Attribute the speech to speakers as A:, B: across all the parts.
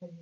A: Venti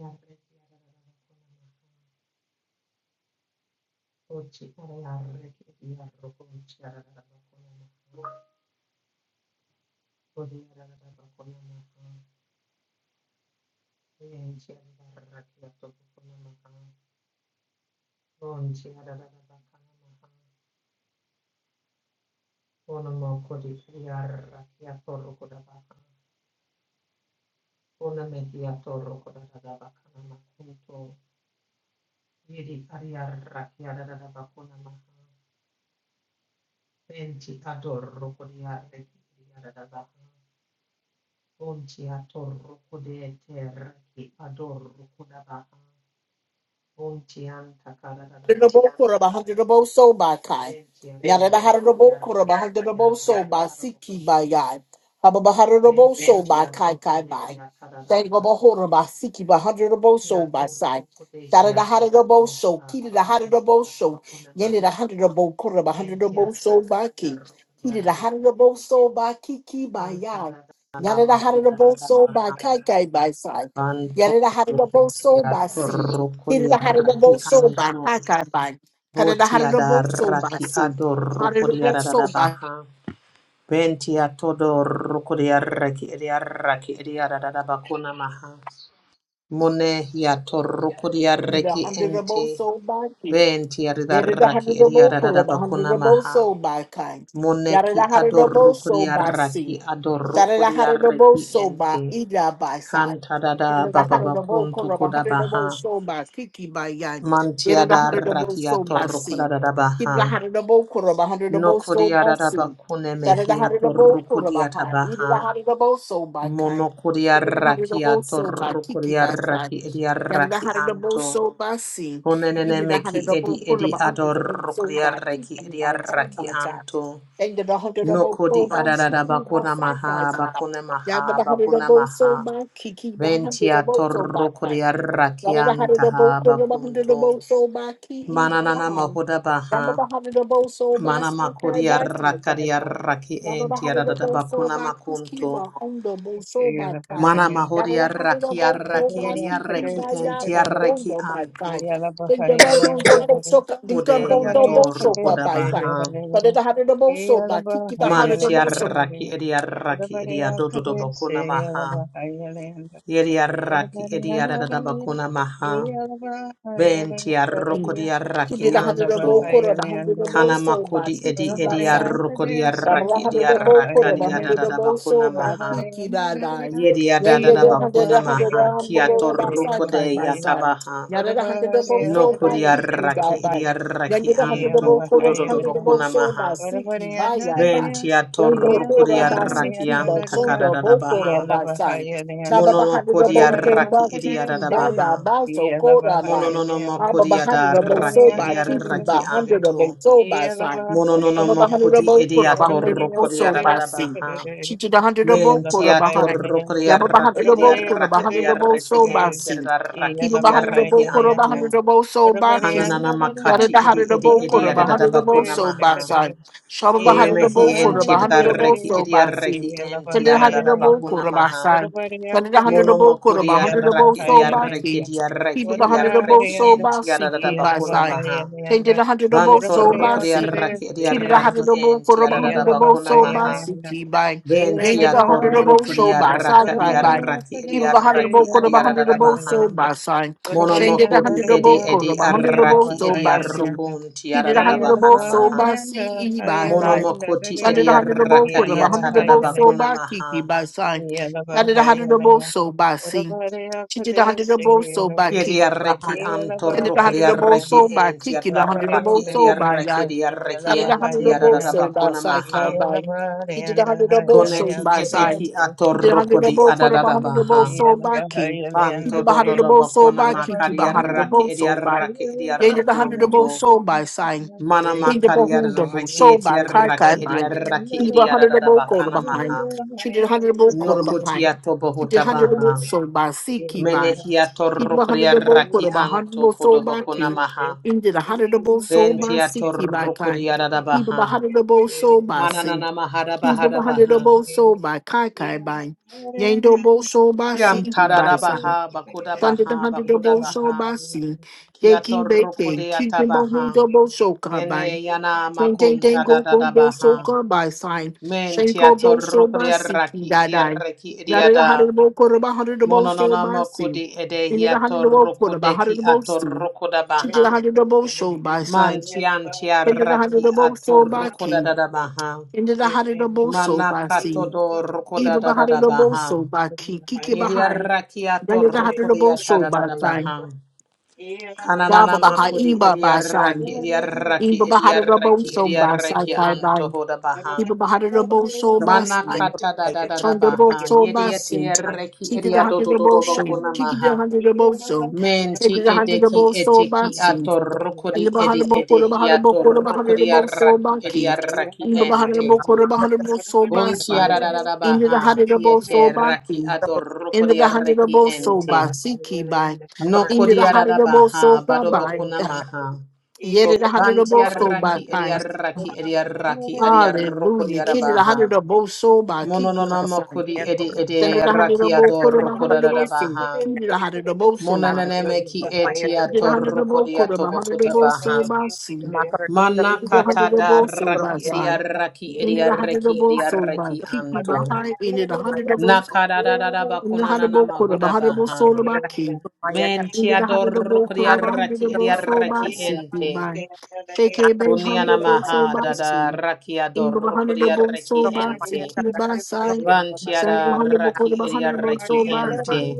A: ador rokodiarre ki diarra da baha. Unti atorro kude terki ki adorro kudabaha. Unti anta karadadaba
B: Harirabo
A: kunamaha.
B: Bahandirabo So by Kai.
A: Venti
B: Yarada
A: atorro
B: Harirabo
A: kudiarra
B: Kuraba
A: ki
B: Handirabo
A: diarra
B: So
A: ki
B: by
A: adaba
B: Siki by
A: kunamaha.
B: Yai. Hababa Harirabo
A: Venti
B: So by Kai
A: atorro
B: Kai
A: kude
B: by.
A: ya karadadaba
B: Tangaba Horaba
A: kunamaha.
B: Siki by Handirabo
A: Ki
B: So by Sai.
A: atorro kude hi
B: Darada
A: atoba
B: Harirabo So
A: kuntaha
B: Kiri the Harirabo
A: bakuntaha
B: So.
A: daba
B: Yenny the
A: kunamaha.
B: Handirabo Kuraba
A: Ki enti
B: Handirabo
A: arra
B: So
A: ki
B: by Ki.
A: diarro
B: Kiri the
A: kudiarra ki
B: Harirabo
A: enti.
B: So by Kiki by
A: Kanta
B: Yai.
A: dadama
B: Yarada Harirabo So by
A: kudadabaha.
B: Kai Kai by Sai.
A: Banto
B: Yarada Harirabo So
A: rukutia
B: by Si.
A: rukuria
B: Kirida
A: raki
B: Haribo Soba,
A: anto
B: Pakabai, Karada
A: botia da
B: Haribo Soba,
A: raki
B: Sin,
A: ado rukuria
B: Haribo
A: da da da
B: Soba,
A: baha bentia todo rukuria raki eria raki eria da da bakuna maha mone ya to rukuria
B: Ida
A: raki
B: Haribo
A: ente
B: Soba,
A: bentia da
B: Yada da hada
A: raki
B: da
A: eria
B: bo
A: da da
B: kura hada
A: bakuna
B: da bo
A: maha
B: so by kind. Yada
A: moneki
B: da hada
A: ado
B: da bo so
A: rukuria
B: by sea.
A: raki ado
B: Shada da
A: rukuria
B: hada da bo
A: raki
B: so by
A: ente
B: ida by side.
A: kanta da da
B: Yada da
A: baba
B: hada da bo
A: bakunto
B: kura ba hada da bo
A: kodabaha
B: so by kiki by yan. Yada da
A: Mantiada
B: hada da bo so
A: rakiato
B: by sea.
A: rukodada
B: Yada da
A: baha.
B: hada da bo kura ba hada da bo so by
A: Nokodiada
B: sea.
A: bakune
B: Shada da hada da
A: mehiato
B: bo kura
A: rukodiata
B: hada. Yada da
A: baha.
B: hada da bo so by kind.
A: Monokodia
B: Yada da hada da bo
A: rakiato
B: so by kiki
A: rukodia
B: by side.
A: raki edia
B: Yanda
A: raki
B: hara da double
A: anto.
B: so ba si.
A: Konenene
B: Yanda da hara
A: meki
B: da bo
A: edi
B: kula
A: edi
B: ba hundred
A: ador
B: da so
A: rukodia
B: ba si.
A: reki
B: And
A: edia
B: by God,
A: raki
B: by God.
A: anto.
B: Yanda da hara da bo so
A: Nokodi
B: ba si.
A: adada
B: Ki ba
A: bakuna
B: sa ba
A: maha bakune
B: si. Yanda
A: maha
B: da hara da
A: bakuna
B: so
A: maha.
B: ba ki ki ba hundred da
A: Ventia
B: bo so ba si.
A: torrukodia
B: Yada da hada
A: rakianta
B: da bo
A: ha
B: ko da ba hada da
A: bakunto.
B: bo so ba ki e na
A: Mananana
B: ha.
A: mahuda
B: Yada
A: baha.
B: da hada da bo so ba
A: Mana
B: sa kai
A: makori
B: ba sa kai
A: arrakari
B: ba.
A: arraki
B: Yada da
A: enti
B: hada da
A: arada
B: bo so
A: bakuna
B: ba ki ki
A: makunto.
B: ba on da bo so ba
C: Yala
B: kai.
A: Mana
C: bahaya,
A: mahori
B: Yada da hada da
A: arraki
B: bo so ba
C: orabare
A: arraki
B: ki ki
C: akde
A: arraki
B: ba
C: se
B: ya
A: enti
B: ba
C: kada dada.
B: don
A: arraki
B: da ba sai.
A: anto.
C: Yala
B: Think da
C: bahaya
B: ba
C: ne
B: don da
C: yala
B: bo so ka think da
A: Kode
B: bon da
C: Orabare
B: bo so
A: yator
C: akde
B: ba
A: koda
B: ba
C: se
B: sai.
C: yala
A: baha.
B: Yada
C: dada.
B: da hada da bo so ba ki ki ba
C: bahaya
B: hada
C: ne
B: da
A: Manti
B: bo
C: yala
B: so.
A: arraki edi arraki
C: Orabare
A: edi adodo do
C: akde se
A: bakuna
C: yala
A: maha.
C: bahaya ne yala dada.
A: Yeri arraki
C: Orabare
A: edi
C: yala
A: arada
C: dada.
A: bakuna maha.
C: Yala bahaya ne yala
A: Benti
C: dada.
B: Ki
A: arrokodi arraki
B: da hada
C: Yala
B: da bo
A: anto.
B: ko da
C: bahaya ne
B: ba hada
C: yala
B: da bo
A: Kana
B: so ba
A: makodi
B: ki
A: edi
B: ki ba
A: edi
C: Orabare
B: sai.
A: arrokodi
C: akde se
B: Sabra
A: arraki edi
C: yala
B: hundred the bow quarter,
C: bahaya
B: the
A: arrakadi
C: ne yala
B: hundred the
A: arada
B: bow
A: bakuna
B: so by
A: maha.
B: Tiki by line.
C: Yalabahaya
A: Yedia da
B: Then
A: da da
B: the hundred
A: bakuna
B: the hundred
A: maha,
B: round
A: kia
B: below by
A: toruko
B: side kite
A: de
B: by side.
A: yatabaha,
B: Yada the hundred the bow
A: no
B: so by
A: kuria
B: Tiki by
A: raki
B: by.
A: edia
B: Then
A: raki
B: the hundred the bow
A: anto,
B: quarter, the
A: kudodo
B: hundred the bow
A: bakuna
B: so
A: maha,
B: Siki by ya by.
A: bentia
B: Then the
A: toruko
B: quarter
A: dia
B: by
A: raki
B: Siki by
A: anta
B: son the
A: kada
B: soda
A: da
B: bow quarter
A: baha,
B: by side. Saba
A: monono
B: hundred the
A: kuria
B: bow so by
A: raki edia da
B: Tiki by ya
A: baha,
B: by so quarter by.
A: monono mo
B: Abba hundred
A: da
B: the bow so
A: raki edia
B: Tiki by
A: raki
B: hundred the bow
A: anto,
B: so side.
A: monono
B: Cover
A: mo
B: behind the boat, put
A: edia
B: up behind the
C: Yalaba,
A: toruko
C: Yalaba,
B: boat,
A: dia
B: so
A: da
B: by sea.
A: baha,
B: She did a hundred a boat, for
A: Menti
B: a
A: a
B: behind.
A: torro
B: Yabba behind
A: criarraki
B: the boat, put up
A: ediarraki
B: behind the boat,
A: ediarraki
B: so by
A: enti
B: sea.
A: edarraki
B: Keep up behind the
A: ediarraki
B: boat, put up
A: antu.
B: behind the boat, so by king.
A: Kananana
B: Yada the
A: makati edi
B: hundred of
A: edi
B: boat, put
A: edi
B: up behind the boat,
A: adadabakuna
B: so by
A: maha.
B: side. Shaba
A: Kone
B: behind the boat,
A: mehi
B: put up
A: enti
B: behind the boat,
A: edarraki
B: so by sea.
A: ediarraki enti
B: Send a hundred a boat, put
A: adadabakuna
B: up by
A: maha.
B: side. Send a hundred a
A: Mono
B: boat, for
A: mokuri
B: a hundred a boat,
A: arraki
B: so by
A: ediarraki
B: king. Keep
A: ediarraki
B: up behind the boat,
A: ediarraki
B: so by
A: enti
B: sea, keep by
A: adadabakuna
B: side.
A: maha.
B: They did a hundred of boat, so
A: Vantorro
B: by sea.
A: criarraki
B: Kiri da
A: ediarraki
B: hundred of both for
A: enti
B: a hundred of
C: Yalaba,
B: both
A: adadabakuna
B: so by
A: maha.
C: Yalaba,
B: city by. Yandy
A: Ventia
B: the hundred of both
C: Elabariyanda,
B: so
A: torrocodia
B: by side by
A: racadia
B: by.
C: orabariya
A: raki
B: Keep
A: edia
B: a
C: padiyase,
B: hundred of
A: raki
B: both quarter of a hundred of
A: adiada
B: both so
A: baha.
C: elabahayalanda,
B: by sign. Shane did a
C: orabariyanda
A: Monomocodi
B: hundred of
A: edi
B: both
C: radiya,
B: quarter
A: edi
B: of a hundred of both
A: arraki
B: so
A: edia
B: by sea.
C: elabahayalanda,
A: rocun
B: He
A: tiada
B: did a hundred of both
A: bahana
B: so
A: maha.
B: by
C: elabariyanda,
B: sea e by high.
C: hayalanda
A: Monomocoti
C: radiya,
B: Sunday the
A: edia
B: hundred of both quarter of a
A: racadia
B: hundred of
A: tada
B: both so
C: elabahayalanda,
A: bacuna
B: by Kiki
A: maha.
B: by sign. Sunday the hundred of
C: elabahayalanda,
B: both so by sea.
C: orabariya
B: She did a hundred of
C: padiyase,
B: both so by
C: elabahayalanda,
B: Kiki
A: Edia
B: by
A: reki
B: high. Sunday the hundred
A: antorrocodia
B: of both
C: elabahayalanda,
B: so
A: reki
B: by Kiki
A: entiada
B: the hundred of
A: raki
B: both
C: orabariyanda
B: so
A: edia
B: by
C: radiya,
A: reki
B: high.
A: edia
B: He
A: reki
B: did a hundred of both
A: entiada
C: elabahayalanda,
B: side by
A: bacuna
B: side
A: maha.
B: side by. He did a
C: elabariyanda,
B: hundred of both
C: hayalanda
B: side
A: Koneki
B: by side.
A: edeki
B: He did a hundred of
A: atorrocodi
B: both quarter by
A: adada
B: hundred of both
A: baha.
C: Yeah.
B: sold by key. He
A: Banto
B: did a
A: do do
B: hundred of
A: do
B: both sold
A: bokona
B: by key. He did a
A: makaria
B: hundred of
A: raki
B: both
A: edia
B: sold by.
A: raki edia
B: He did a hundred of both
A: rokunto.
B: sold by sign.
A: Mana
B: He did a
A: makaria
B: hundred of both
A: raki
B: sold
A: edia
B: by kai kai
A: raki
B: by.
A: edia raki
B: He did a
A: edia da
B: hundred
A: da
B: of
A: da
B: both quarter
A: bakana
B: behind.
A: maha.
B: She did a hundred of both quarter behind.
A: Nokutia to
B: He did
A: bohuta
B: a hundred of both
A: baha.
B: sold by sea key by.
A: Menehia to
B: Kidwa
A: rukuria
B: Hanadabo
A: raki
B: Koroba
A: anto
B: Hanbo
A: kodo
B: Soba
A: bokona
B: King.
A: maha.
B: Into the Hanadabo Soba
A: Bentia to
B: Siki by Kai.
A: rukuria da da
B: Kiba
A: baha.
B: Hanadabo Soba Sing.
A: Mananana mahara
B: Kiba
A: bahara baha.
B: Hanadabo Soba Kai Kai by. Yandobo Soba
A: Yam
B: Siki by
A: tarara
B: Sign.
A: baha bakuda
B: Thunder the
A: baha bakuda
B: Hanadabo
A: baha.
B: Soba Sing.
A: Kia to
B: Yaki Bake.
A: rukuria
B: Kiba
A: tabaha.
B: Hanadabo Soka by.
A: Kene yana
B: Ding ding ding
A: makunta da
B: go
A: da
B: boom
A: da
B: boom so
A: baha.
B: come by sign. Shanko
A: Mentia
B: boom so by
A: torrukria
B: siki
A: raki
B: da
A: edia
B: dine.
A: reki edia
B: Yada the
A: da.
B: hundred bo quarter by hundred the bo so
A: Mononona
B: by see.
A: mokudi
B: Into
A: edehia
B: the hundred the bo quarter by hundred
A: torrukudeki
B: the bo soon.
A: atorrukuda
B: Into
A: baha.
B: the hundred the bo show by sign.
A: Mantiantia
B: Into the
A: raki
B: hundred the bo so by
A: atorrukuda
B: king.
A: da da baha.
B: Into the hundred the bo so by
A: Manakato
B: seen.
A: do rukuda
B: Eba by
A: da da da
B: hundred the bo
A: baha.
B: so by king. Kiki
A: Edia
B: behind.
A: raki
B: Yada the hundred the bo
A: atorrukudia ta
B: so
A: da da
B: by
A: da
B: sign.
A: baha.
B: Yaba
A: Kananana
B: behind.
A: makudi
B: Eba
A: edia
B: by sign.
A: raki edia raki
B: Eba by
C: Yeah,
A: edia
B: hundred the bo
A: reki
B: so
A: edia
B: by side
A: reki
B: by by.
A: anto hoda baha.
B: Eba by hundred the bo so
D: Thank
B: by
A: Mana
B: sign.
A: kata da da da da
B: Thunderbolt
A: baha. Yedi
B: Massey,
A: ete reki
B: he did a
A: edia do
B: hundred
A: do
B: of
A: do do
B: motion,
A: bakuna
B: he did a
A: maha.
B: hundred of motion, he
A: Menti
B: did a hundred of
A: edeki
B: motion
A: eteki
B: Massey, in the
A: atorokodi edi
B: Bahana Boko, the
A: edehi
B: Bahana Boko, the
A: atorokodi
B: Bahana Boko
A: araki edi
B: Maki,
A: araki
B: in the Bahana
A: ente.
B: Boko, the Bahana Boko
A: Bunti ara da
B: Massey,
A: da da
B: in the
A: baha.
B: hundred of motion
A: Kiete raki
B: Maki, in
A: adorokodi
B: the hundred of
A: araki
B: motion
A: ente.
B: Massiki by, in the
A: Nokodi ara
B: hundred
A: da
B: of motion
A: baha. Bado
B: by,
A: bakuna maha.
C: Yeah.
B: yet the hundred of
A: Banti
B: motion
A: araki edi
B: by.
A: araki edi araki edi arokodi
B: Hallelujah. Kid the
A: arabaha.
B: hundred of both soul by Kiki
A: Mononama
B: by
A: kudi edi
B: Send
A: edi
B: it a hundred of both,
A: rakiado
B: put him a hundred of
A: rokodada
B: both, see.
A: baha.
B: Keep it a hundred of both, so by God.
A: Monaneme ki
B: Get a
A: etiato
B: hundred of both, put
A: rokodiato
B: by a hundred of
A: bokuta
B: both,
D: you.
B: so
A: baha.
B: by
D: Makarantisa kurumaya karantisa kurumaya karantisa kurumaya karantisa kurumaya karantisa kurumaya karantisa
B: see.
A: Mana
B: Get a hundred of
A: katada
B: both, so by
A: raki edia
B: sign.
A: raki
B: In it
A: edia
B: a hundred of
A: reki
B: both,
A: edia
B: so by
A: reki
B: keep me
A: anto.
B: behind. In it a hundred of both,
A: Nakada da da da
B: in the
A: bakuna
B: hundred of
A: na
B: both, put by a
A: mahuda
B: hundred of both,
D: kurumaya
B: so
A: baha.
B: by king.
D: karantisa kurumaya karantisa
A: Men
B: In it a
A: tiado
B: hundred of both, put
A: rokodia
B: by a hundred
A: raki
B: of
D: nakarantisa
A: edia
B: both, so
D: kurumaya
B: by
D: karantisa
A: reki
B: seek me
A: ente.
B: by. Take
D: kurumaya
B: a bay
D: nakarantisa
B: hundred
A: Kuniana
B: of both,
D: kurumaya
B: so
A: maha
D: karantisa
B: by
A: da
C: Yeah.
A: da
B: see.
A: rakiado
B: In the hundred of
A: rokodia
B: both, so
A: reki
D: kurumaya nakarantisa
B: by seek
D: kurumaya karantisa kurumaya
A: ente.
D: karantisa
B: me by sign. Send it a
A: Vantiada
B: hundred of both, put
A: raki
B: by a
A: eria
B: hundred of both, so
A: reki
B: by
D: kurumaya
B: sign.
A: ente.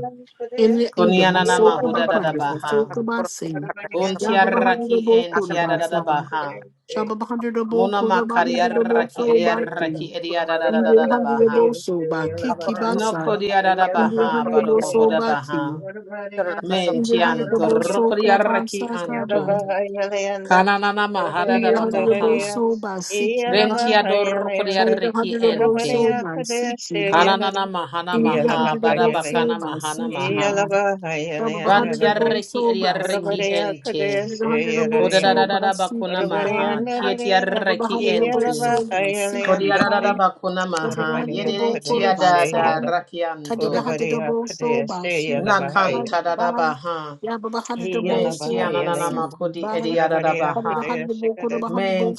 B: in the kingdom,
A: Konianana
B: so
A: mahuda da da
B: wonderful, so
A: baha.
B: kumasing,
D: karantisa kurumaya karantisa kurumaya
A: Buntia
B: Yaba Bahadur
A: raki
B: Bokura
A: entiada da da
B: Basai,
A: baha.
B: Shaba Bahadur
A: Mona
B: Bokura
A: makaria
B: Bahadur
A: raki
B: Boso
A: eria
B: Baki,
A: raki
C: Everybody
A: eria da da da da da
B: Indir
A: da
B: Handur
A: baha.
B: Boso Baki
A: No
B: Kibasai,
A: kodia da da
B: Indir
A: baha,
B: Handur
A: bado
D: Akoro
B: Boso
A: bohuda baha.
B: Baki, Indir Handur
A: Mentianto,
B: Boso
A: rokodia raki
B: Kabasai Kabai,
A: anto. Kananana mahada da
B: Indir
A: da
B: Handur
A: baha.
C: Yalabahaya,
B: Boso Basiki Bai,
A: Ventiado rokodia
C: Yalabahaya,
B: Shaba
A: reki
B: Handur Boso
A: ente.
B: Basiki Bai.
A: Kananana mahana maha,
B: Hundred soul
A: barabakana
B: by
A: mahana
B: seeking
A: maha.
B: by Baba the hundred
A: Vantiarreki
B: soul by
A: eriarreki
B: son.
A: ente.
B: Hundred hundred of soul by
A: Kodadadada bakuna
B: seeking by
A: maha.
B: Baba the
A: Kietiarreki
B: hundred
A: ente.
B: soul by seeking
A: Kodadadada
B: by
A: bakuna
B: Baba the
A: maha.
B: hundred soul by
A: Yedetiadada
B: son.
C: Yalabahaya,
B: Hundred the
A: rakianto.
B: hundred soul by seeking by the
A: Nakantadada
B: by
A: baha.
B: Yabba the hundred soul by
A: Mentianana
B: seeking
A: makodi
B: by
A: eriadada
B: Hundred
A: baha.
B: the hundred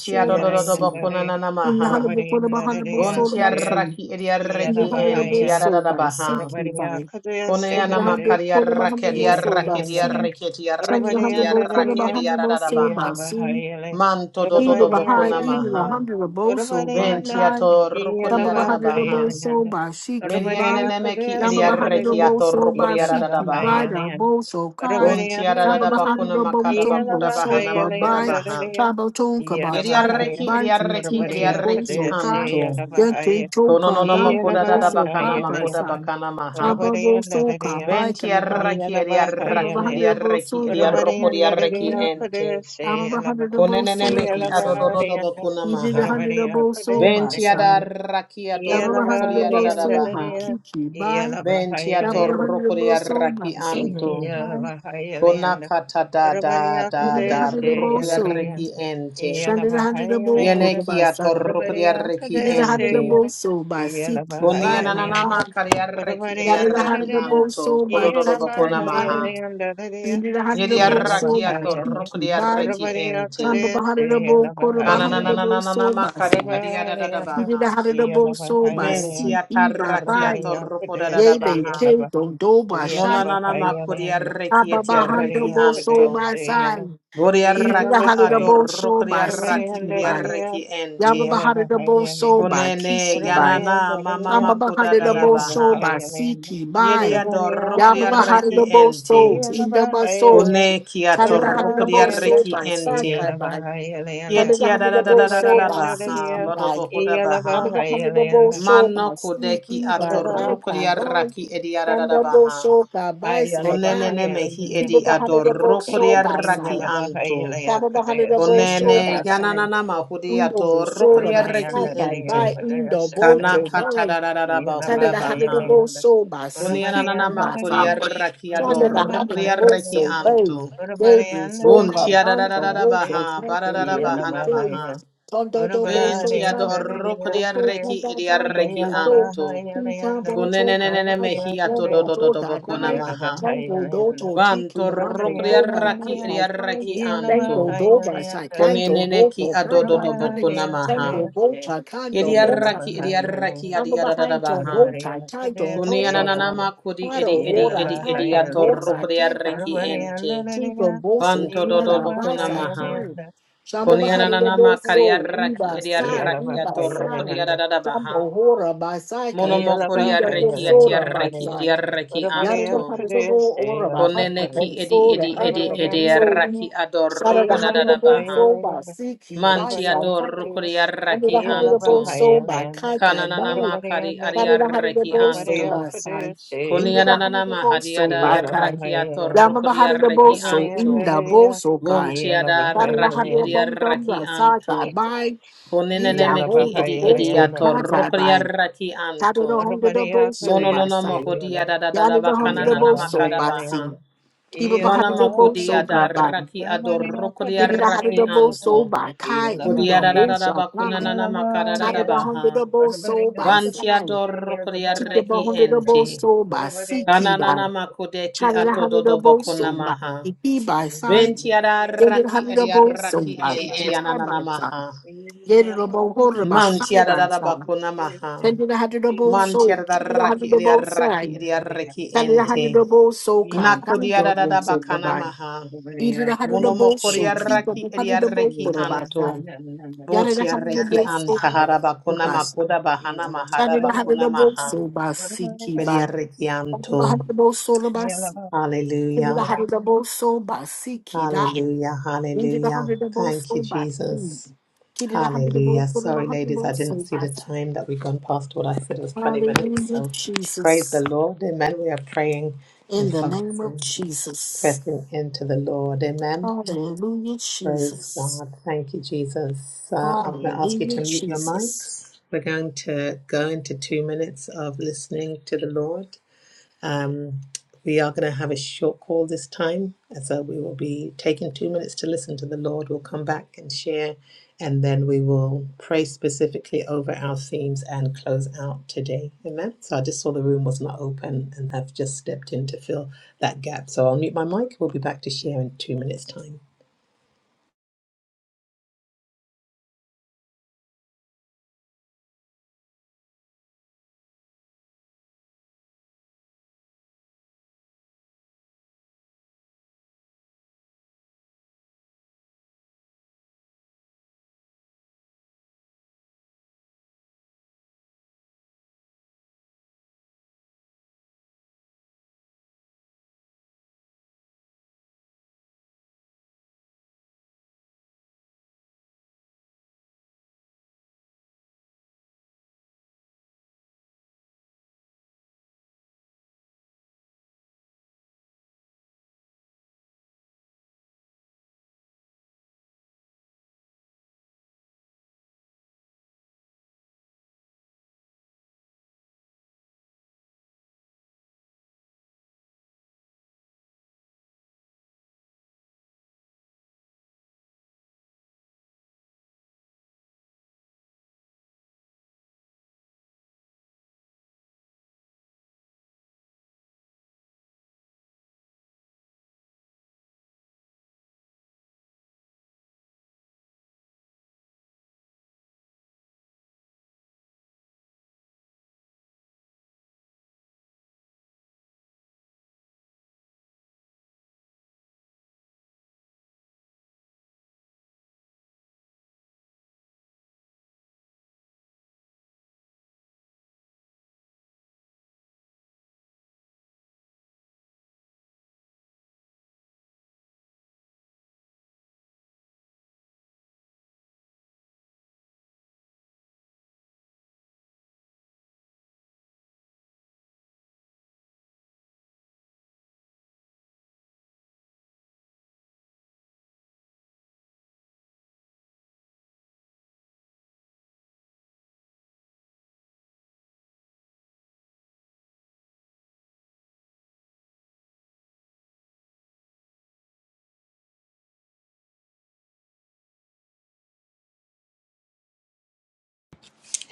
B: soul by seeking.
A: bakuna
C: Yarayandare,
A: nana
B: In the
A: maha.
B: hundred
C: Rabariyandare,
B: soul by
C: Yakudaya,
B: seeking.
A: Bontiarraki eriarreki
B: Chandra
A: ente.
B: Honorable
C: Yadabahayale,
A: Yadada
B: Soba,
A: baha.
C: Rabariya, Kudaya,
A: Koneana
C: Sekadare,
A: makaria raki dia
C: yeah.
A: raki dia raki dia raki
B: see,
A: Manto do do
B: Kiba
A: do
B: Baha'i
A: bokuna
B: even a
A: maha.
B: hundred of Boso by Kai,
A: Ventiato
B: Yamba
A: rokodia rada
B: Bahari the
A: baha.
B: Boso by Shiki by
A: Menienenemeki
B: Yamba
A: dia
B: Bahari the
A: rekiato
B: Boso by
A: rokodia rada
B: Shiki by
A: baha.
B: the Boso Kai,
A: Buntia
B: Yamba
A: rada
B: Bahari the
A: makada
B: Boso
A: bakuda
B: Boso
A: bahana
B: by
A: makuda
B: by
A: baha.
B: Tabo Tonka by
A: Yedia
B: Taika
A: reki
B: by
A: dia reki dia
B: Tinki
A: reki
B: Boso Kai,
A: anto.
B: Yakin
A: Kono no
B: Tokan
A: no
B: Danto
A: makuda rada
B: Boso
A: bakana
B: Kai by
A: makuda
B: Sai,
A: bakana maha.
B: Yamba Boso Kai by
A: Venti
B: Kai by
C: Yeah.
A: arraki eri
B: Yamba
A: arraki
B: Bahari
A: eri
B: the
A: arraki
B: Boso
A: eri
B: by
A: arroko eri
B: Shiki
A: arraki
B: by
A: ente.
B: Yamba Bahari the
A: Konenene
B: Boso
A: meki
B: by Sai.
A: adodododo bakuna
B: Ibi
A: maha.
B: Hundredable Soul by
A: Venti
B: Sai.
A: adarraki
B: Yabba
A: adorroko eri
B: Hundredable Soul by
A: adadadabaha.
B: Kiki by.
A: Venti
B: Yabba
A: atorroko eri
B: Hundredable Soul by
A: arraki
B: Siki
A: anto.
B: by.
A: Konakata da da
B: Ibi
A: da da roko
B: Hundredable
A: eri
B: Soul.
A: arraki ente.
B: Shanda the Hundredable Kota
A: Yeneki
B: by Sai.
A: atorroko eri arraki
B: Ibi
A: ente.
B: Hundredable Soul by Siki by.
A: Koniananama kari arraki eri
B: Yada the
A: arraki
B: Hundredable
A: anto.
B: Soul by
A: Kodododo
B: Kai Kai
A: bakuna
B: by.
A: maha.
B: Ibi Hundredable Soul
A: Yediaraki
B: by
C: Yelavahayale,
B: Kiki by.
A: atorokodiareki
B: Shamba
A: ente.
C: Urvariyakadesi,
B: Hundredable Kota by
C: Yelavahayale,
B: Hundredable Soul
A: Kananananananama
B: by
A: kari
B: Sai.
C: Urvariyana,
B: Ibi
A: adiadadabaha.
B: Hundredable Soul by
A: Menti
C: Yelavahayale,
B: Siki
A: ataraki
B: by. Yea,
C: Urvariyakadesi,
B: they
A: atorokodadabaha.
B: came
C: Yelava-
B: from Doba, Shanta,
A: Monananama kuri
C: Yelavahayale,
A: arreki eti
B: Ababa, Hondo,
A: etiareki
B: Bo, Soul,
A: anto.
B: by
C: Urvariyakadesi, Yela-
B: Side, Either the
A: Buriaraki
B: Hada, the
C: Yelavahay-
B: Bo, Soul, by
C: Orabari
A: adorokodiareki
B: Siki, by
A: adiareki
C: handariya,
B: Yababa,
A: ente.
C: iyala
B: Hada, the Bo,
C: bahaya
B: Soul,
C: lehna.
B: by
A: Kunene
B: Kisi,
C: Orabari
B: by
A: yanana
C: handariya,
A: mamama
B: Ababa, Hada, the Bo,
C: iyala
B: Soul,
A: kodadadabaha.
B: by
C: bahaya lehna.
B: Siki, by
C: Orabari
B: Yababa, Hada,
A: Yediadorokodiareki
C: akadase,
B: the Bo, Soul,
A: ente.
C: iyala
B: Indaba,
C: bahaya
B: Soul,
A: Kune
C: lehna.
B: Hada, the Hada, the
C: Orabari
B: Bo,
C: handa,
B: Soul,
A: kiatorokodiareki
B: by
A: ente.
B: Sakai,
C: iyala
B: by
C: bahaya lehna.
B: Hada, the
A: Yetia da
B: Hada,
A: da
B: the
A: da
B: Bo,
A: da da da
C: Orabari
B: Soul,
A: da
B: by
A: baha,
C: handariya,
B: Siki, by
A: bodobo hoda
C: iyala
A: baha.
B: Ababa,
C: bahaya
B: Hada, the Bo,
C: lehna.
B: Soul,
A: Mano
B: by
A: kodeki
B: Siki, by By,
C: Orabari
B: Kai
A: atorokoria
B: By,
A: raki edia da da da
B: Shandabo
A: baha.
B: so by
C: ayala
B: side.
A: Onenene
C: bahaya
B: Tibo
A: mehi
C: lehna.
A: edi
B: bahanda the boat so
A: adorokoria
B: by
A: raki
C: Iyala
B: side.
C: bahaya
A: anto.
C: lehna
B: Sabo bahanda the
C: akadase,
B: boat so
C: iyala
A: Onene
B: by
C: bahaya.
B: side.
A: yananana mahudi
B: Undo bo so
A: atorokoria
B: by
C: Orabari
A: reki
B: side.
C: handariya
B: By
A: ente.
B: undo bo
A: Kana
C: akadase
A: kata da da da da
B: Tanda
A: bahuda
B: da hada da
A: baha.
B: bo
C: Yelabahayalayanda,
B: so basi, kiki
A: Onenanana
B: basa.
A: makoria
C: Kurabarayandadadaya,
A: raki
B: Tanda da hada da
A: adorokoria
B: bo
A: reki
B: so
C: Yelabahayalayanda,
B: bay.
A: anto.
B: David so
C: Kurabarayandadadaya,
A: Buntia da da da
B: kabanta,
A: da da
B: bo
C: Kudvese,
B: so
A: baha,
B: tanda,
A: bara da da
B: David
A: bahana
B: day.
A: maha.
C: Yelabahaya,
B: Tondo do bo so
A: Venti
B: tanda,
A: adorruco
C: Kurabarayandadadaya,
A: di
B: bo so
C: Kudve,
A: arrechi
B: tanda
A: e di
B: tanda,
A: arrechi
B: bo so.
A: anto.
B: Tinta
C: Yelabahayalayanda,
B: bo so
A: Cunenenene
B: kanai,
C: Kurabaraya,
B: bo
A: mehiato
C: Kudve,
B: bo so
A: dodododobo
B: tanai.
A: conamaha.
B: Tango do do
C: Yelabahayalayanda,
B: to tiki
A: Vanto ruco
B: yambe
A: di
B: so kanai
A: arrechi e
C: Kurabarayandadadaya,
A: di
B: kai kai.
A: arrechi
B: Tango
A: anto.
B: do do ba sa
C: Yelabahayalayandadadaya,
B: kando bo
A: Cuneneneki
B: so kai kai
A: adododobo
B: kai.
C: Kurabaraya,
A: kunamaha.
B: Tango bo
C: Kudvese,
B: cha kando
A: Edi
B: bo sa
A: arrechi e di
C: Yelabahayalayanda,
A: arrechi
B: Tamba
A: adi
B: behind John
A: adadadabaha.
B: Bota, Tai Don
C: yeah.
B: Hosa Dan,
A: Cuniananama cudi
B: Paro
A: edi edi
B: Ora,
A: edi
B: Tai
A: edi
B: Don Bosa,
A: atorruco di
B: Tai Tai
A: arrechi
B: Tai,
A: ente.
B: Tinko Boso,
A: Vanto
B: Kara,
A: dodobo
B: Baisa,
A: conamaha.
B: Kari, Shambo Bahari Rebo
A: Cuniananama
B: So,
A: cariarrechi
B: Uba
A: e di
B: Sai,
A: arrechi
B: Uba
A: atorruco
B: Sai,
A: di adadadabaha.
B: Shambo Hora, Baisai,
A: Monomoko
B: Uba
A: diarreki
B: Bosora,
A: atiarreki
B: Baisai,
A: diarreki
B: Yara the
A: anto.
B: Haribo, Ora, Bahari
A: Koneneki
B: Rebo
A: edi
B: So, the
A: edi
B: Under
A: edi
B: the Bay
A: edi
B: So,
A: arraki
B: Sara the
A: adorroko da da da
B: Haribo
A: baha.
B: So, Basiki,
A: Manti
B: Baisa, Tai,
A: adorroko
B: under
A: diarreki
B: the hundred of
A: anto.
B: old soul by Kai Kai
A: Kananana
B: Bai,
A: makari adiarreki
B: Ba-da-da-ha-da-da-bo-so,
A: anto.
B: ba-sai.
A: Konianana mahadi
B: In-da-da-ha-da-da-bo-so,
C: Yeah.
B: ba-kai.
A: adarraki atorroko diarreki
B: Ya-ma-ba-ha-da-da-bo-so,
A: anto.
B: in-da-bo-so, kai.
A: Vonti
B: ya ma ba ha da
A: adarraki
B: da bo so bai. da bo
A: diarreki
B: so
A: anto.
B: ba-sa-kai, bye. yi da
A: Konenemeki
B: bo
A: edi edi atorroko diarreki anto. Mono no na mahodia da da da da ba kanana na
B: sai
A: makada ba
B: ba-si.
A: ha. Mana
B: hum da
A: makodia da
B: si
A: raki adorokodia raki
B: Ki-da-da-ha-da-da-bo-so,
A: anto.
B: ba-kai,
A: Kodi da da da da
B: in-da-bo-so,
A: ba
B: bye. ki
A: kunana na makada da
B: da
A: da
B: da
A: ba
B: ha da da
A: ha.
B: bo so ba
A: Vantia
B: sai
A: dorokodia reki
B: Chikabahondo
A: ente.
B: by Siki
A: Kanana na
B: by
A: na makodeki
B: China
A: atododo
B: Hanidabo
A: bokona
B: so by
A: maha.
B: Iki by Sai,
A: Ventia da
B: David
A: raki edia
B: Hanidabo so
A: raki
B: ba
A: enti
B: Sai
A: anana
B: by
A: na
B: Sai,
A: maha.
C: Good morning,
B: David Robo Horror ba Sai
A: Mantia da
B: ba
A: da da
B: Sai,
A: ba kona maha.
B: Sending a Hanidabo so,
A: Mantia da
B: China
A: raki edia
B: Hanidabo Sai,
A: raki edia reki
B: China
A: ente.
B: Hanidabo so calm, down
A: Nakodiarada
B: double so
A: bakana
B: by
A: maha.
B: Either the Hanidabo so, Chiba the
A: Monomokoriaraki
B: Hanidabo
A: eriareki
B: for ba Sai,
A: anto.
B: Yada the
A: Botiareki
B: Hanidabo so ba
A: antahara bakuna
B: ba Sai, Chani
A: makoda bahana mahara
B: China
A: bakuna
B: Hanidabo
A: maha.
B: so by Siki
A: Beriareki anto.
B: ba. Give the
A: Hallelujah.
B: hundred double so by Siki.
A: Hallelujah.
B: Then give the
A: Hallelujah.
B: hundred double
A: Thank you,
B: so by King.
A: Jesus.
B: Give the hundred double
A: Hallelujah.
B: put the
A: Sorry,
B: hundred
A: ladies,
B: double
A: I didn't
B: so
A: see
B: by
A: the time that we've gone past what I said was 20 minutes.
B: Hallelujah,
A: So praise the
B: Jesus.
A: Lord. Amen. We are praying
B: In
A: and
B: the name of
A: focusing,
B: Jesus.
A: pressing into the Lord. Amen.
B: Hallelujah,
A: Praise
B: Jesus.
A: God. Thank you, Jesus. Uh, I'm going to ask you
B: Hallelujah,
A: to mute your
B: Jesus.
A: mics. We're going to go into two minutes of listening to the Lord. Um, we are going to have a short call this time. and So we will be taking two minutes to listen to the Lord. We'll come back and share, and then we will pray specifically over our themes and close out today. Amen. So I just saw the room was not open and I've just stepped in to fill that gap. So I'll mute my mic. We'll be back to share in two minutes' time.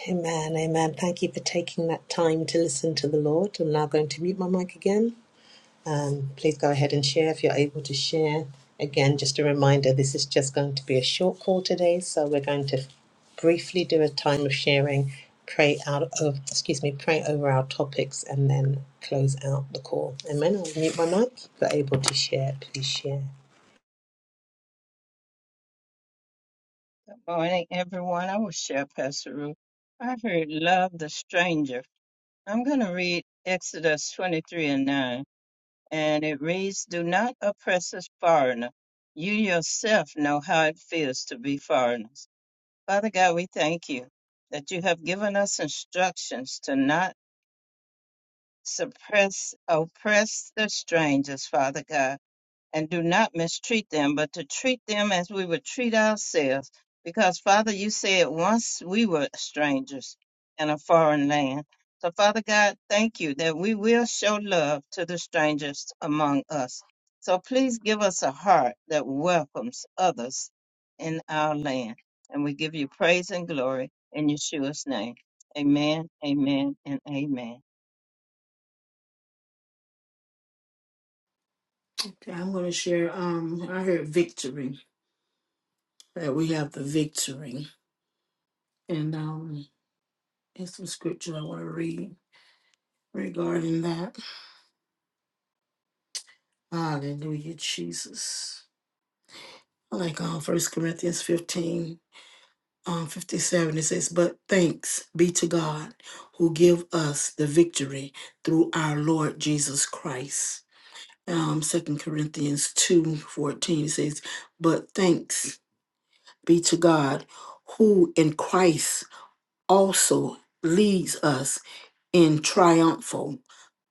A: Amen, amen. Thank you for taking that time to listen to the Lord. I'm now going to mute my mic again. Um, please go ahead and share if you're able to share. Again, just a reminder this is just going to be a short call today, so we're going to briefly do a time of sharing, pray out of, excuse me, pray over our topics, and then close out the call. Amen. I'll mute my mic. If you're able to share, please share.
C: everyone. I will share Pastor Ruth. I heard love the stranger. I'm going to read Exodus 23 and 9. and it reads, Do not oppress us, foreigner. You yourself know how it feels to be foreigners. Father God, we thank you that you have given us instructions to not suppress, oppress the strangers, Father God and do not mistreat them, but to treat them as we would treat ourselves. Because, Father, you said once we were strangers in a foreign land. So, Father God, thank you that we will show love to the strangers among us. So, please give us a heart that welcomes others in our land. And we give you praise and glory in Yeshua's name. Amen, amen, and amen.
B: Okay, I'm going to share. Um, I heard victory, that we have the victory. And um, there's some scripture I want to read regarding that. Hallelujah, Jesus. I like uh, 1 Corinthians 15, um, 57. It says, But thanks be to God who give us the victory through our Lord Jesus Christ. Um, 2 Corinthians 2 14 says, But thanks be to God who in Christ also leads us in triumphal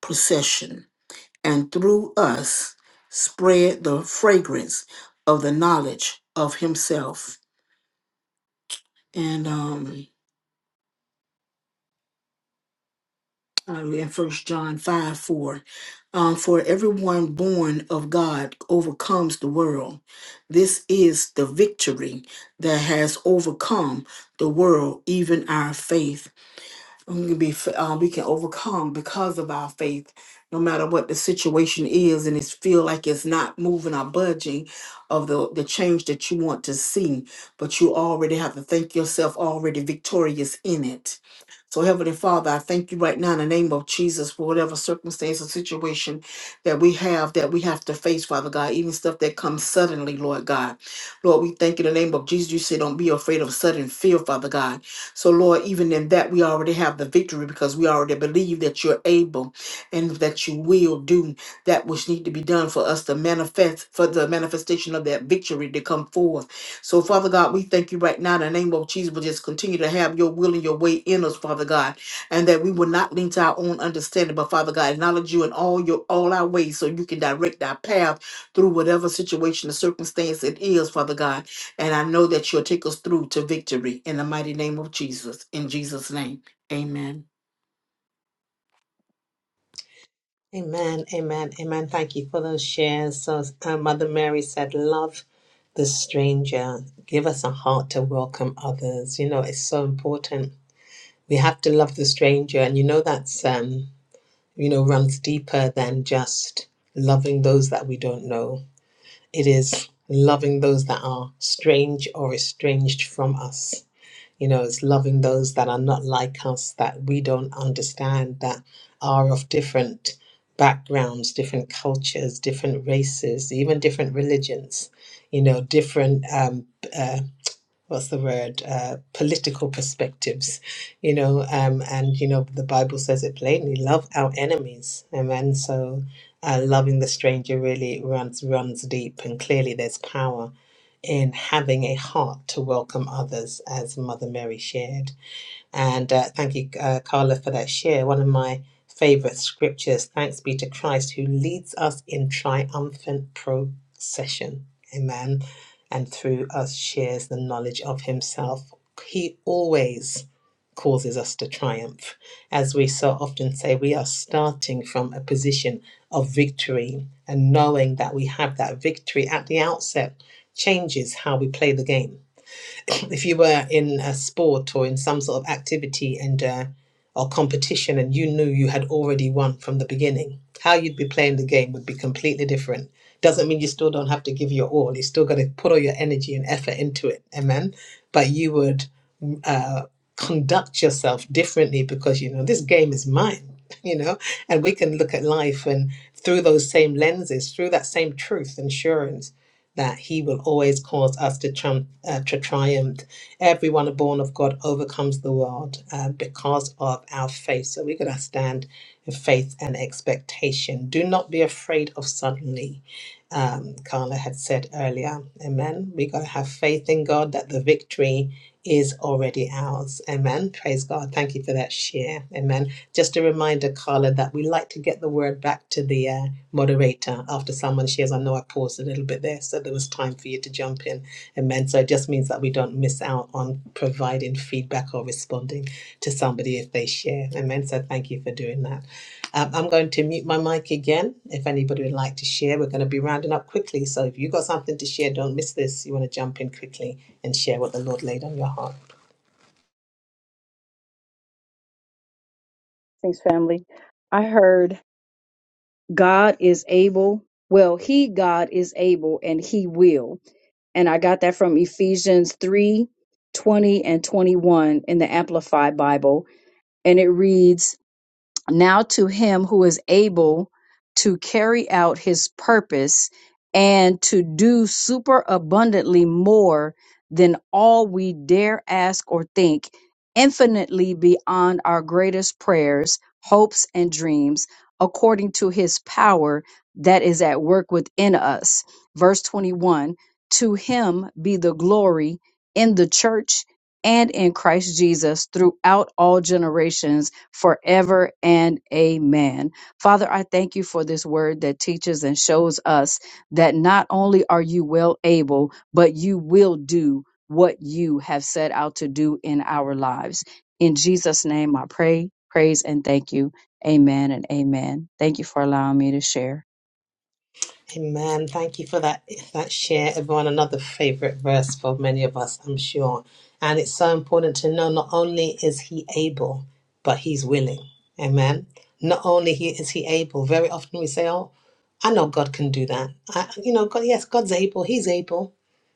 B: procession and through us spread the fragrance of the knowledge of himself and um uh, in first john 5 4 um, for everyone born of god overcomes the world this is the victory that has overcome the world even our faith we can be f- uh, we can overcome because of our faith no matter what the situation is and it's feel like it's not moving or budging of the the change that you want to see but you already have to think yourself already victorious in it so heavenly father i thank you right now in the name of jesus for whatever circumstance or situation that we have that we have to face father god even stuff that comes suddenly lord god lord we thank you in the name of jesus you say don't be afraid of sudden fear father god so, Lord, even in that, we already have the victory because we already believe that you're able and that you will do that which need to be done for us to manifest, for the manifestation of that victory to come forth. So, Father God, we thank you right now in the name of Jesus. We'll just continue to have your will and your way in us, Father God, and that we will not lean to our own understanding, but Father God, acknowledge you in all your all our ways so you can direct our path through whatever situation or circumstance it is, Father God. And I know that you'll take us through to victory in the mighty name of Jesus. In Jesus' name, amen.
A: Amen, amen, amen. Thank you for those shares. So, uh, Mother Mary said, Love the stranger. Give us a heart to welcome others. You know, it's so important. We have to love the stranger. And you know, that's, um, you know, runs deeper than just loving those that we don't know. It is loving those that are strange or estranged from us you know, it's loving those that are not like us, that we don't understand, that are of different backgrounds, different cultures, different races, even different religions, you know, different, um, uh, what's the word, uh, political perspectives, you know, um, and, you know, the Bible says it plainly love our enemies. Amen. So, uh, loving the stranger really runs runs deep and clearly there's power in having a heart to welcome others, as Mother Mary shared. And uh, thank you, uh, Carla, for that share. One of my favorite scriptures thanks be to Christ who leads us in triumphant procession. Amen. And through us shares the knowledge of himself. He always causes us to triumph. As we so often say, we are starting from a position of victory, and knowing that we have that victory at the outset changes how we play the game if you were in a sport or in some sort of activity and uh, or competition and you knew you had already won from the beginning how you'd be playing the game would be completely different doesn't mean you still don't have to give your all you still got to put all your energy and effort into it amen but you would uh, conduct yourself differently because you know this game is mine you know and we can look at life and through those same lenses through that same truth and assurance that he will always cause us to, triumph, uh, to triumph everyone born of god overcomes the world uh, because of our faith so we're going to stand in faith and expectation do not be afraid of suddenly um, carla had said earlier amen we have got to have faith in god that the victory is already ours. Amen. Praise God. Thank you for that share. Amen. Just a reminder, Carla, that we like to get the word back to the uh, moderator after someone shares. I know I paused a little bit there, so there was time for you to jump in. Amen. So it just means that we don't miss out on providing feedback or responding to somebody if they share. Amen. So thank you for doing that. Um, I'm going to mute my mic again. If anybody would like to share, we're going to be rounding up quickly. So if you've got something to share, don't miss this. You want to jump in quickly and share what the Lord laid on your heart.
E: Thanks, family. I heard God is able. Well, He, God, is able and He will. And I got that from Ephesians 3, 20 and 21 in the Amplified Bible. And it reads, now to him who is able to carry out his purpose and to do super abundantly more than all we dare ask or think, infinitely beyond our greatest prayers, hopes, and dreams, according to his power that is at work within us. Verse 21 To him be the glory in the church and in Christ Jesus throughout all generations forever and amen. Father, I thank you for this word that teaches and shows us that not only are you well able, but you will do what you have set out to do in our lives. In Jesus' name, I pray, praise, and thank you. Amen and amen. Thank you for allowing me to share.
A: Amen. Thank you for that that share, everyone. Another favorite verse for many of us, I'm sure. And it's so important to know not only is he able, but he's willing. Amen. Not only he is he able. Very often we say, "Oh, I know God can do that." I, you know, God. Yes, God's able. He's able.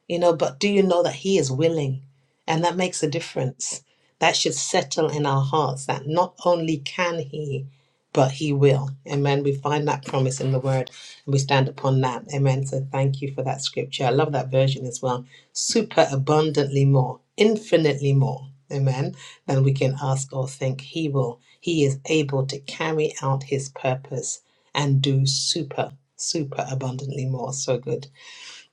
A: You know, but do you know that he is willing, and that makes a difference. That should settle in our hearts that not only can he, but he will. Amen. We find that promise in the word we stand upon that. Amen. So thank you for that scripture. I love that version as well. Super abundantly more, infinitely more. Amen. Than we can ask or think. He will. He is able to carry out his purpose and do super, super abundantly more. So good.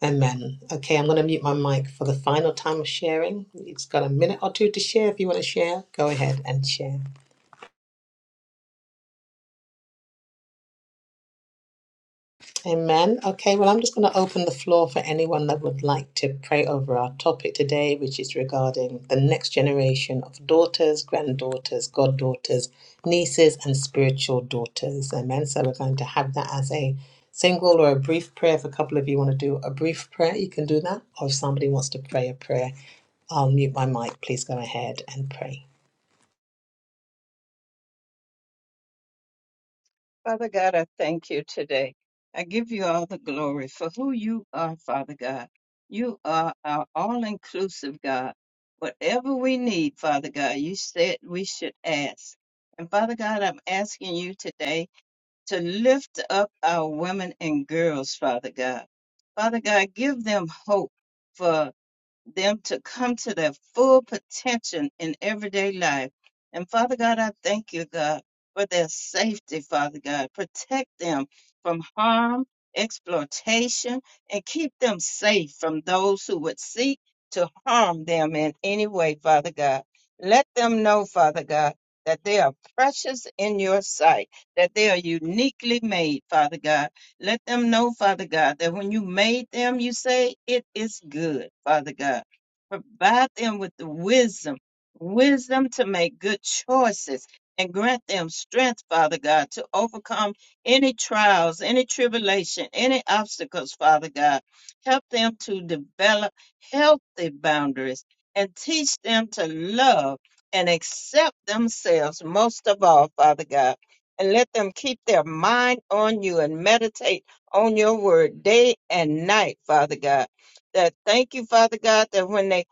A: Amen. Okay, I'm going to mute my mic for the final time of sharing. You've got a minute or two to share. If you want to share, go ahead and share. Amen. Okay, well, I'm just going to open the floor for anyone that would like to pray over our topic today, which is regarding the next generation of daughters, granddaughters, goddaughters, nieces, and spiritual daughters. Amen. So we're going to have that as a single or a brief prayer. If a couple of you want to do a brief prayer, you can do that. Or if somebody wants to pray a prayer, I'll mute my mic. Please go ahead and pray.
C: Father God, I thank you today. I give you all the glory for who you are, Father God. You are our all inclusive God. Whatever we need, Father God, you said we should ask. And Father God, I'm asking you today to lift up our women and girls, Father God. Father God, give them hope For them to come to their full potential in everyday life. And Father God, I thank you, God, for their safety, Father God. Protect them from harm, exploitation, and keep them safe from those who would seek to harm them in any way, Father God. Let them know, Father God, that they are precious in your sight, that they are uniquely made, Father God let them know, Father God, that when you made them, you say it is good, Father God. Provide them with the wisdom, wisdom to make good choices, and grant them strength, Father God, to overcome any trials, any tribulation, any obstacles, Father God. Help them to develop healthy boundaries and teach them to love and accept themselves most of all, Father God and let them keep their mind on you and meditate on your word day and night, Father God. That thank you, Father God, that when they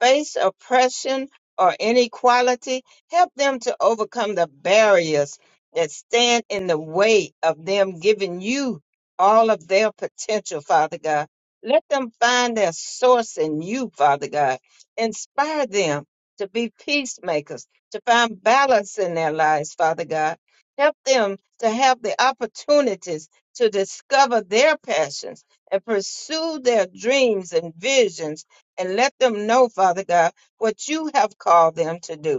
C: face oppression or inequality, help them to overcome the barriers that stand in the way of them giving you all of their potential, Father God. Let them find their source in you, Father God. Inspire them to be peacemakers, to find balance in their lives, Father God Help them to have the opportunities to discover their passions and pursue their dreams and visions. And let them know, Father God, what you have called them to do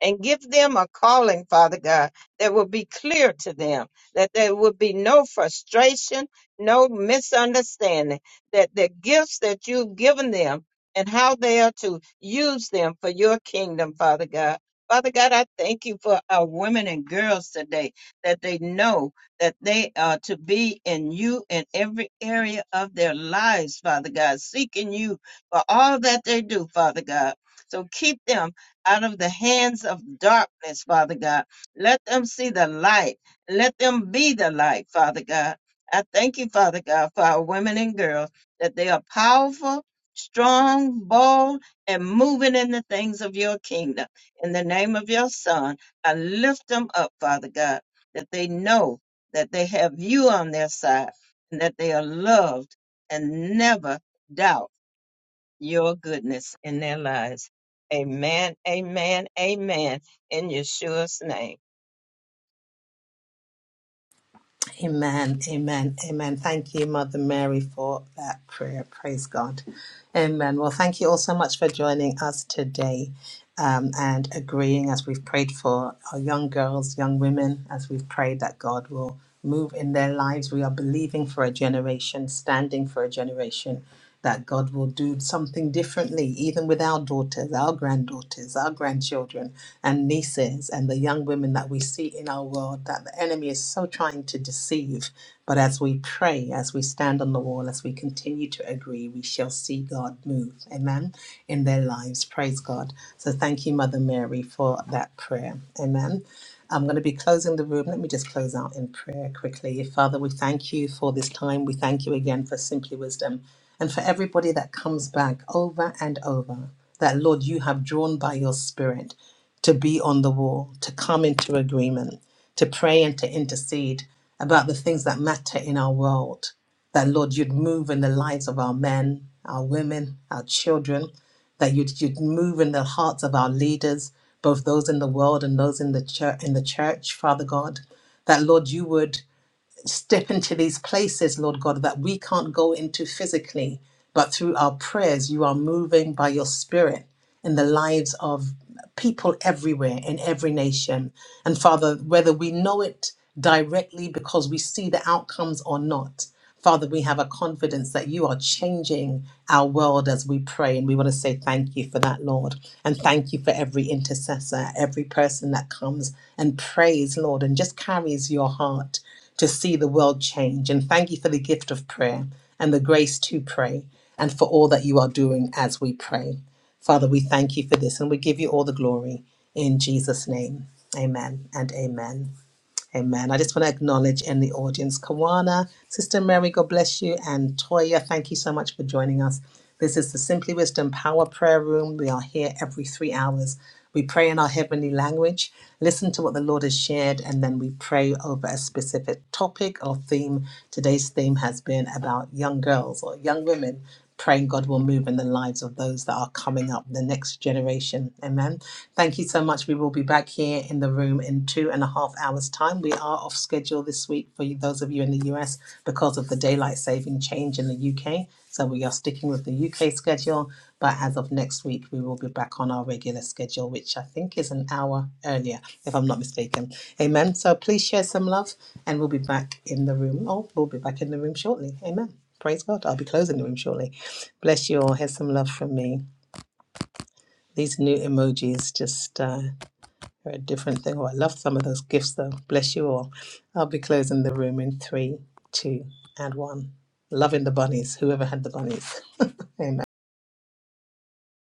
C: and give them a calling, Father God, that will be clear to them, that there will be no frustration, no misunderstanding, that the gifts that you've given them and how they are to use them for your kingdom, Father God. Father God, I thank you for our women and girls today that they know that they are to be in you in every area of their lives, Father God, seeking you for all that they do, Father God. So keep them out of the hands of darkness, Father God. Let them see the light. Let them be the light, Father God. I thank you, Father God, for our women and girls, that they are powerful, strong, bold, and moving in the things of your kingdom. In the name of your Son, I lift them up, Father God, that they know that they have you on their side and that they are loved and never doubt your goodness in their lives. Amen, amen, amen. In Yeshua's name.
A: Amen, amen, amen. Thank you, Mother Mary, for that prayer. Praise God. Amen. Well, thank you all so much for joining us today um, and agreeing as we've prayed for our young girls, young women, as we've prayed that God will move in their lives. We are believing for a generation, standing for a generation that God will do something differently, even with our daughters, our granddaughters daughters, our grandchildren, and nieces, and the young women that we see in our world that the enemy is so trying to deceive. But as we pray, as we stand on the wall, as we continue to agree, we shall see God move, amen, in their lives. Praise God. So thank you, Mother Mary, for that prayer, amen. I'm going to be closing the room. Let me just close out in prayer quickly. Father, we thank you for this time. We thank you again for Simply Wisdom and for everybody that comes back over and over. That, Lord, you have drawn by your Spirit to be on the wall, to come into agreement, to pray and to intercede about the things that matter in our world. That, Lord, you'd move in the lives of our men, our women, our children that you'd, you'd move in the hearts of our leaders, both those in the world and those in the church, in the church, Father God, that Lord, you would step into these places, Lord God, that we can't go into physically, but through our prayers, you are moving by your spirit in the lives of people everywhere in every nation. And Father, whether we know it directly because we see the outcomes or not, Father, we have a confidence that you are changing our world as we pray. And we want to say thank you for that, Lord. And thank you for every intercessor, every person that comes and prays, Lord, and just carries your heart to see the world change. And thank you for the gift of prayer and the grace to pray and for all that you are doing as we pray. Father, we thank you for this and we give you all the glory in Jesus' name. Amen and amen. Amen. I just want to acknowledge in the audience, Kawana, Sister Mary, God bless you, and Toya, thank you so much for joining us. This is the Simply Wisdom Power Prayer Room. We are here every three hours. We pray in our heavenly language, listen to what the Lord has shared, and then we pray over a specific topic or theme. Today's theme has been about young girls or young women Praying God will move in the lives of those that are coming up, the next generation. Amen. Thank you so much. We will be back here in the room in two and a half hours' time. We are off schedule this week for you, those of you in the US because of the daylight saving change in the UK. So we are sticking with the UK schedule. But as of next week, we will be back on our regular schedule, which I think is an hour earlier, if I'm not mistaken. Amen. So please share some love and we'll be back in the room. Oh, we'll be back in the room shortly. Amen. Praise God. I'll be closing the room shortly. Bless you all. Here's some love from me. These new emojis just uh, are a different thing. Oh, I love some of those gifts though. Bless you all. I'll be closing the room in three, two, and one. Loving the bunnies, whoever had the bunnies. Amen.